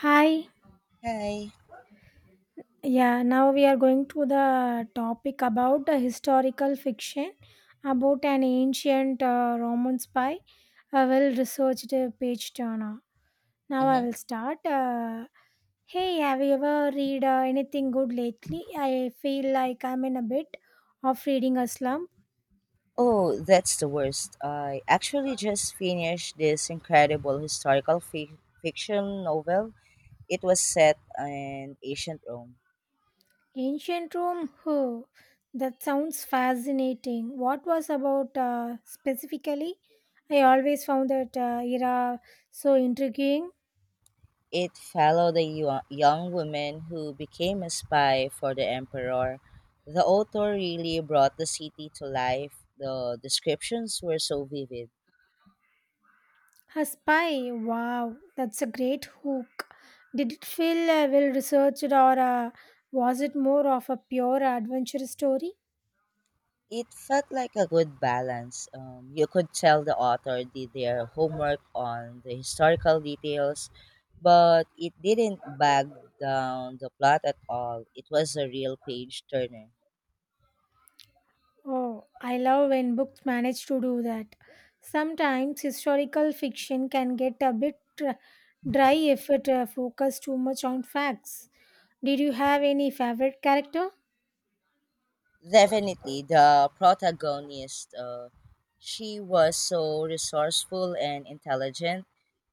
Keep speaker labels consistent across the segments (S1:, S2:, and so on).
S1: Hi.
S2: Hi.
S1: Yeah, now we are going to the topic about the historical fiction about an ancient Roman spy, a well researched page turner. Now I
S2: Mm-hmm.
S1: will start. Hey, have you ever read anything good lately? I feel like I'm in a bit of reading a slump.
S2: Oh, that's the worst. I actually just finished this incredible historical fiction novel. It was set in ancient Rome.
S1: Ancient Rome, huh, that sounds fascinating. What was about specifically? I always found that era so intriguing.
S2: It followed a young woman who became a spy for the emperor. The author really brought the city to life. The descriptions were so vivid.
S1: A spy? Wow, that's a great hook. Did it feel well researched or uh, was it more of a pure adventure story?
S2: It felt like a good balance. You could tell the author did their homework on the historical details, but it didn't bag down the plot at all. It was a real page turner.
S1: Oh, I love when books manage to do that. Sometimes historical fiction can get a bit dry if it focuses too much on facts. Did you have any favorite character?
S2: Definitely, the protagonist, she was so resourceful and intelligent,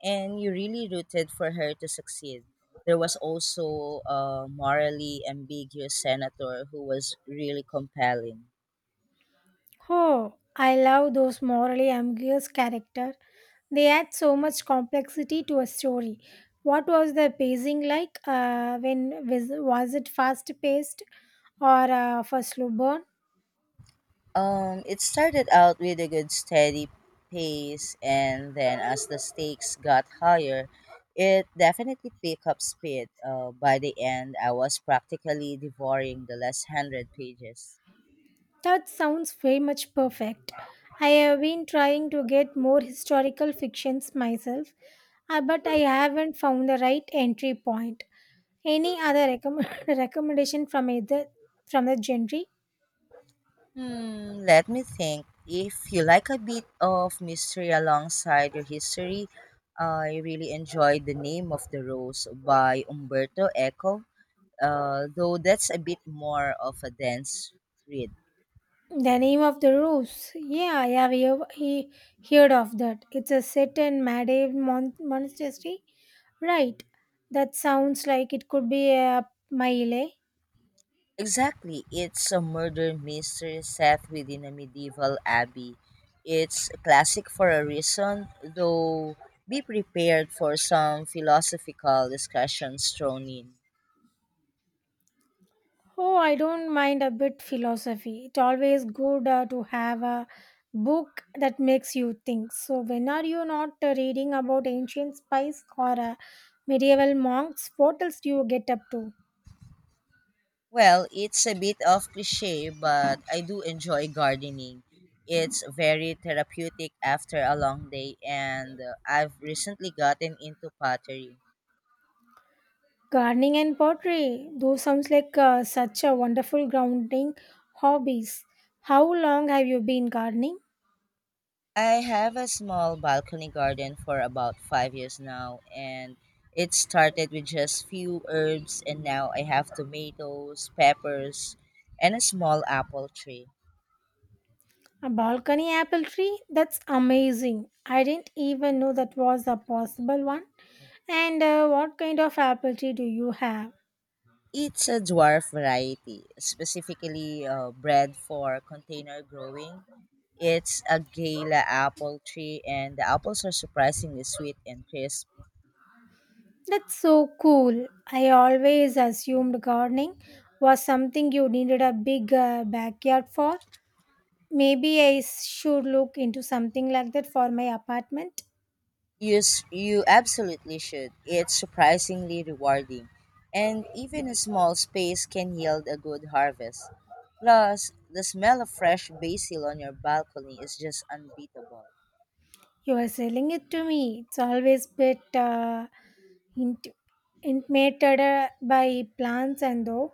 S2: and you really rooted for her to succeed. There was also a morally ambiguous senator who was really compelling.
S1: Oh, I love those morally ambiguous characters. They add so much complexity to a story. What was the pacing like? When was it fast paced or for slow burn?
S2: It started out with a good steady pace, and then as the stakes got higher, it definitely picked up speed. By the end, I was practically devouring the last 100 pages.
S1: That sounds very much perfect. I have been trying to get more historical fictions myself, but I haven't found the right entry point. Any other recommendation from either from the genre?
S2: Hmm, let me think. If you like a bit of mystery alongside your history, I really enjoyed The Name of the Rose by Umberto Eco, though that's a bit more of a dense read.
S1: The name of the rose. Yeah, I have hear- he heard of that. It's a set in Monastery. Right. That sounds like it could be a Maile.
S2: Exactly. It's a murder mystery set within a medieval abbey. It's a classic for a reason, though be prepared for some philosophical discussions thrown in.
S1: Oh, I don't mind a bit philosophy. It's always good to have a book that makes you think. So, when are you not reading about ancient spies or medieval monks? What else do you get up to?
S2: Well, it's a bit of cliche, but I do enjoy gardening. It's very therapeutic after a long day, and I've recently gotten into pottery.
S1: Gardening and pottery, those sounds like such a wonderful grounding hobbies. How long have you been gardening?
S2: I have a small balcony garden for about 5 years now, and it started with just few herbs, and now I have tomatoes, peppers, and a small apple tree.
S1: A balcony apple tree? That's amazing. I didn't even know that was a possible one. And what kind of apple tree do you have?
S2: It's a dwarf variety, specifically bred for container growing. It's a gala apple tree, and the apples are surprisingly sweet and crisp.
S1: That's so cool. I always assumed gardening was something you needed a big backyard for. Maybe I should look into something like that for my apartment.
S2: You absolutely should. It's surprisingly rewarding. And even a small space can yield a good harvest. Plus, the smell of fresh basil on your balcony is just unbeatable.
S1: You are selling it to me. It's always bit int- intimated by plants, and though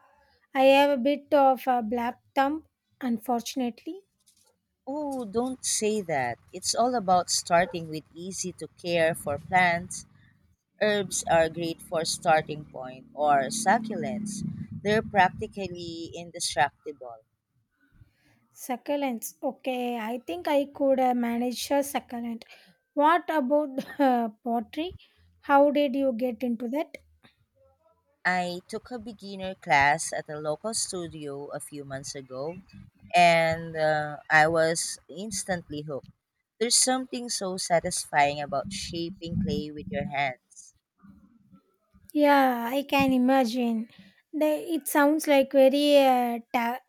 S1: I have a bit of a black thumb, unfortunately.
S2: Oh, don't say that. It's all about starting with easy to care for plants. Herbs are great for starting point or succulents. They're practically indestructible.
S1: Succulents. Okay, I think I could manage a succulent. What about pottery? How did you get into that?
S2: I took a beginner class at a local studio a few months ago, and I was instantly hooked. There's something so satisfying about shaping clay with your hands.
S1: Yeah, I can imagine. The, it sounds like very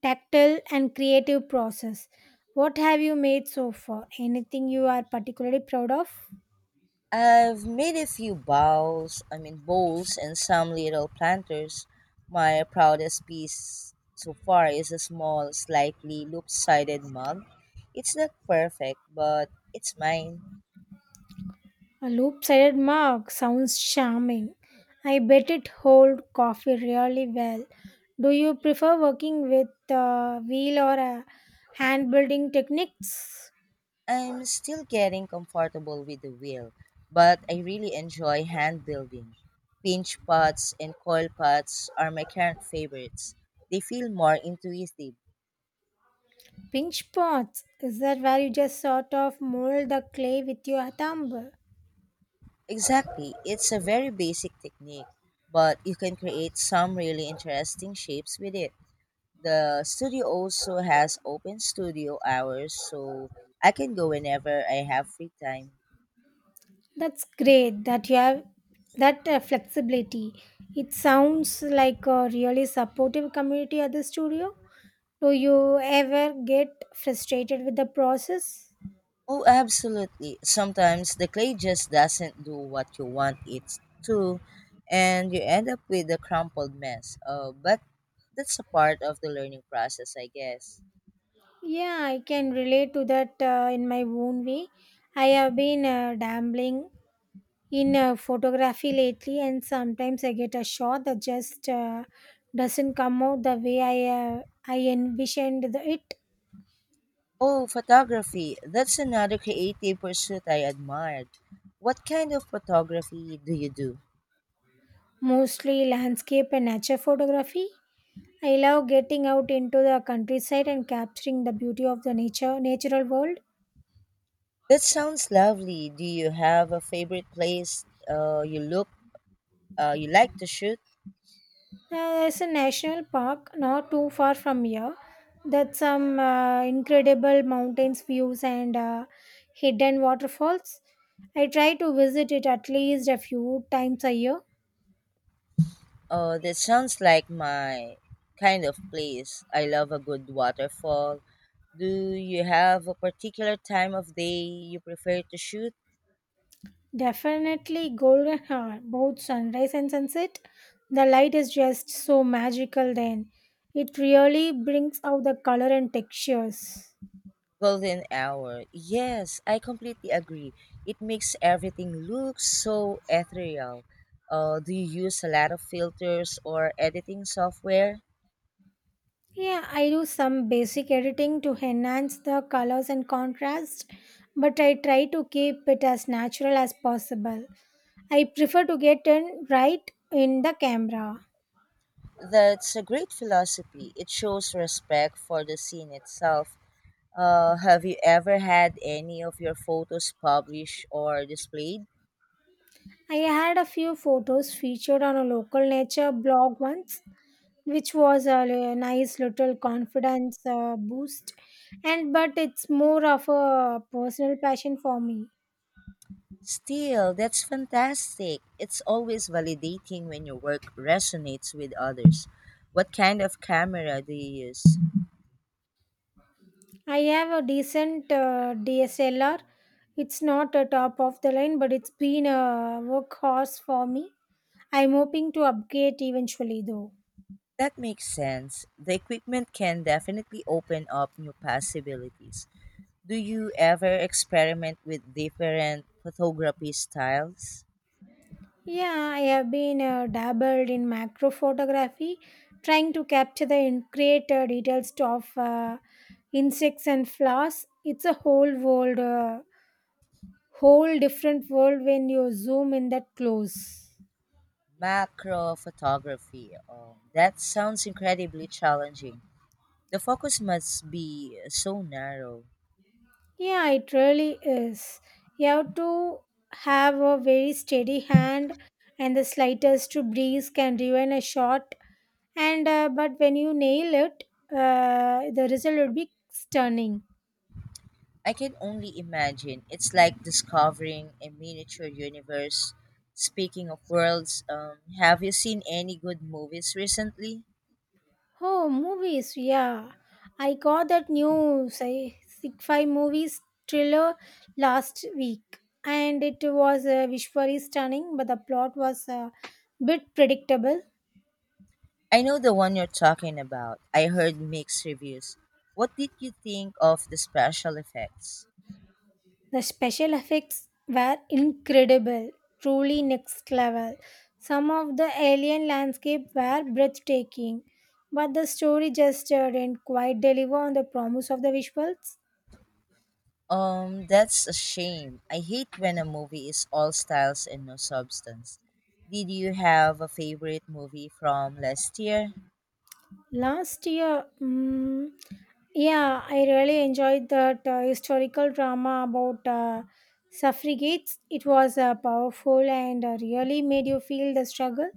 S1: tactile and creative process. What have you made so far? Anything you are particularly proud of?
S2: I've made a few bowls, I mean bowls, and some little planters. My proudest piece so far is a small, slightly loop-sided mug. It's not perfect, but it's mine.
S1: A loop-sided mug sounds charming. I bet it holds coffee really well. Do you prefer working with a wheel or a hand building techniques?
S2: I'm still getting comfortable with the wheel, but I really enjoy hand building. Pinch pots and coil pots are my current favorites. They feel more intuitive.
S1: Pinch pots. Is that where you just sort of mold the clay with your thumb?
S2: Exactly, it's a very basic technique, but you can create some really interesting shapes with it. The studio also has open studio hours, so I can go whenever I have free time.
S1: That's great that you have that flexibility. It sounds like a really supportive community at the studio. Do you ever get frustrated with the process?
S2: Oh, absolutely. Sometimes the clay just doesn't do what you want it to, and you end up with a crumpled mess. But that's a part of the learning process, I guess.
S1: Yeah, I can relate to that in my own way. I have been dabbling in photography lately, and sometimes I get a shot that just doesn't come out the way I envisioned it.
S2: Oh, photography. That's another creative pursuit I admired. What kind of photography do you do?
S1: Mostly landscape and nature photography. I love getting out into the countryside and capturing the beauty of the nature natural world.
S2: That sounds lovely. Do you have a favorite place you like to shoot?
S1: There's a national park not too far from here that some incredible mountains views and hidden waterfalls. I try to visit it at least a few times a year.
S2: That sounds like my kind of place. I love a good waterfall. Do you have a particular time of day you prefer to shoot?
S1: Definitely golden hour, both sunrise and sunset. The light is just so magical then. It really brings out the color and textures.
S2: Golden hour. Yes, I completely agree. It makes everything look so ethereal. Do you use a lot of filters or editing software?
S1: Yeah, I do some basic editing to enhance the colors and contrast, but I try to keep it as natural as possible. I prefer to get in right in the camera.
S2: That's a great philosophy. It shows respect for the scene itself. Have you ever had any of your photos published or displayed?
S1: I had a few photos featured on a local nature blog once, which was a nice little confidence boost. And but it's more of a personal passion for me.
S2: Still, that's fantastic. It's always validating when your work resonates with others. What kind of camera do you use?
S1: I have a decent DSLR. It's not a top of the line, but it's been a workhorse for me. I'm hoping to upgrade eventually, though.
S2: That makes sense. The equipment can definitely open up new possibilities. Do you ever experiment with different photography styles?
S1: Yeah, I have been dabbled in macro photography, trying to capture the greater details of insects and flowers. It's a whole whole different world when you zoom in that close.
S2: Macro photography. That sounds incredibly challenging. The focus must be so narrow.
S1: Yeah, it really is. You have to have a very steady hand, and the slightest to breeze can ruin a shot. And But when you nail it, the result would be stunning.
S2: I can only imagine. It's like discovering a miniature universe. Speaking of worlds, have you seen any good movies recently?
S1: Oh, movies! Yeah, I got that new sci-fi movies thriller last week, and it was visually stunning, but the plot was a bit predictable.
S2: I know the one you're talking about. I heard mixed reviews. What did you think of the special effects?
S1: The special effects were incredible, truly next level. Some of the alien landscapes were breathtaking, but the story just didn't quite deliver on the promise of the visuals.
S2: That's a shame. I hate when a movie is all styles and no substance. Did you have a favorite movie from last year?
S1: Last year, mm, yeah, I really enjoyed that historical drama about suffragettes. It was powerful and really made you feel the struggle.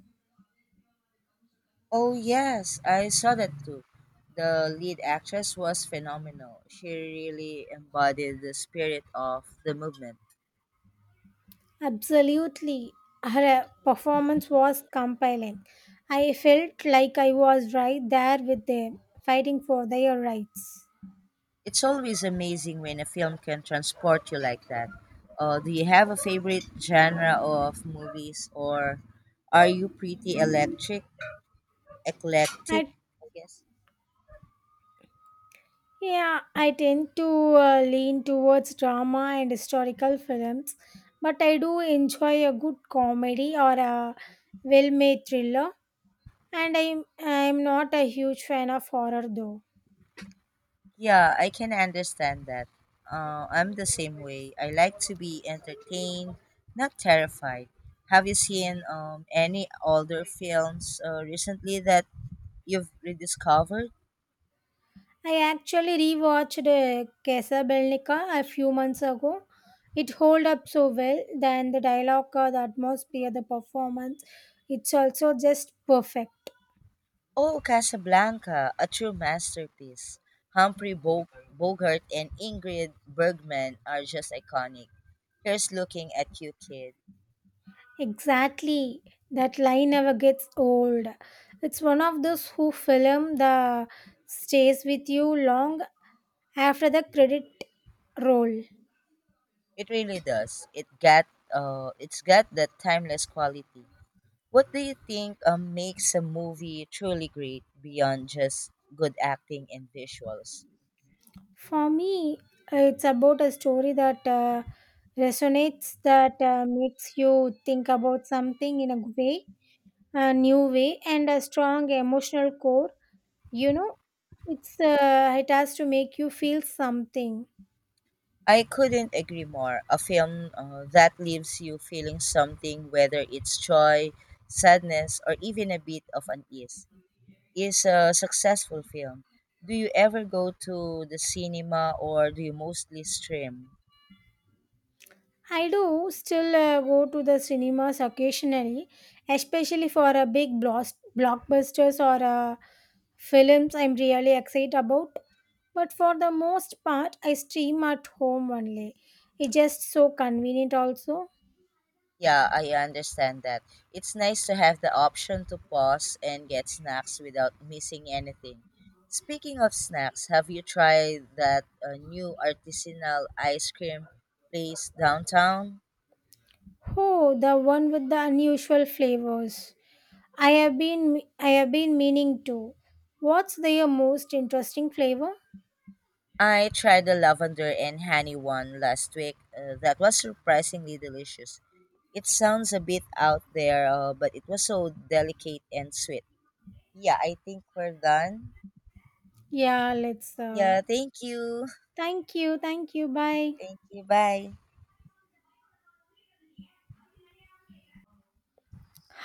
S2: Oh yes, I saw that too. The lead actress was phenomenal. She really embodied the spirit of the movement.
S1: Absolutely. Her performance was compelling. I felt like I was right there with them, fighting for their rights.
S2: It's always amazing when a film can transport you like that. Do you have a favorite genre of movies, or are you pretty eclectic?
S1: I,
S2: I guess.
S1: yeah, I tend to lean towards drama and historical films, but I do enjoy a good comedy or a well made thriller, and I'm not a huge fan of horror though.
S2: Yeah, I can understand that. I'm the same way. I like to be entertained, not terrified. Have you seen any older films recently that you've rediscovered?
S1: I actually rewatched Casablanca a few months ago. It hold up so well, then the dialogue, the atmosphere, the performance. It's also just perfect.
S2: Oh, Casablanca, a true masterpiece. Humphrey Bogart and Ingrid Bergman are just iconic. Here's looking at you, kid.
S1: Exactly. That line never gets old. It's one of those who film the stays with you long after the credit roll.
S2: It really does. It's got that timeless quality. What do you think makes a movie truly great beyond just good acting and visuals?
S1: For me, it's about a story that resonates, that makes you think about something in a way, a new way, and a strong emotional core. You know, it's it has to make you feel something.
S2: I couldn't agree more. A film that leaves you feeling something, whether it's joy, sadness, or even a bit of unease, is a successful film. Do you ever go to the cinema or do you mostly stream?
S1: I do still go to the cinemas occasionally, especially for a big blast blockbusters or films I'm really excited about. But for the most part, I stream at home only. It's just so convenient, also.
S2: Yeah, I understand that. It's nice to have the option to pause and get snacks without missing anything. Speaking of snacks, have you tried that new artisanal ice cream place downtown?
S1: Oh, the one with the unusual flavors. I have been meaning to. What's their most interesting flavor?
S2: I tried the lavender and honey one last week. That was surprisingly delicious. It sounds a bit out there, but it was so delicate and sweet. Yeah, I think we're done.
S1: Yeah, let's.
S2: Yeah, thank you.
S1: Thank you, thank you. Bye.
S2: Thank you. Bye.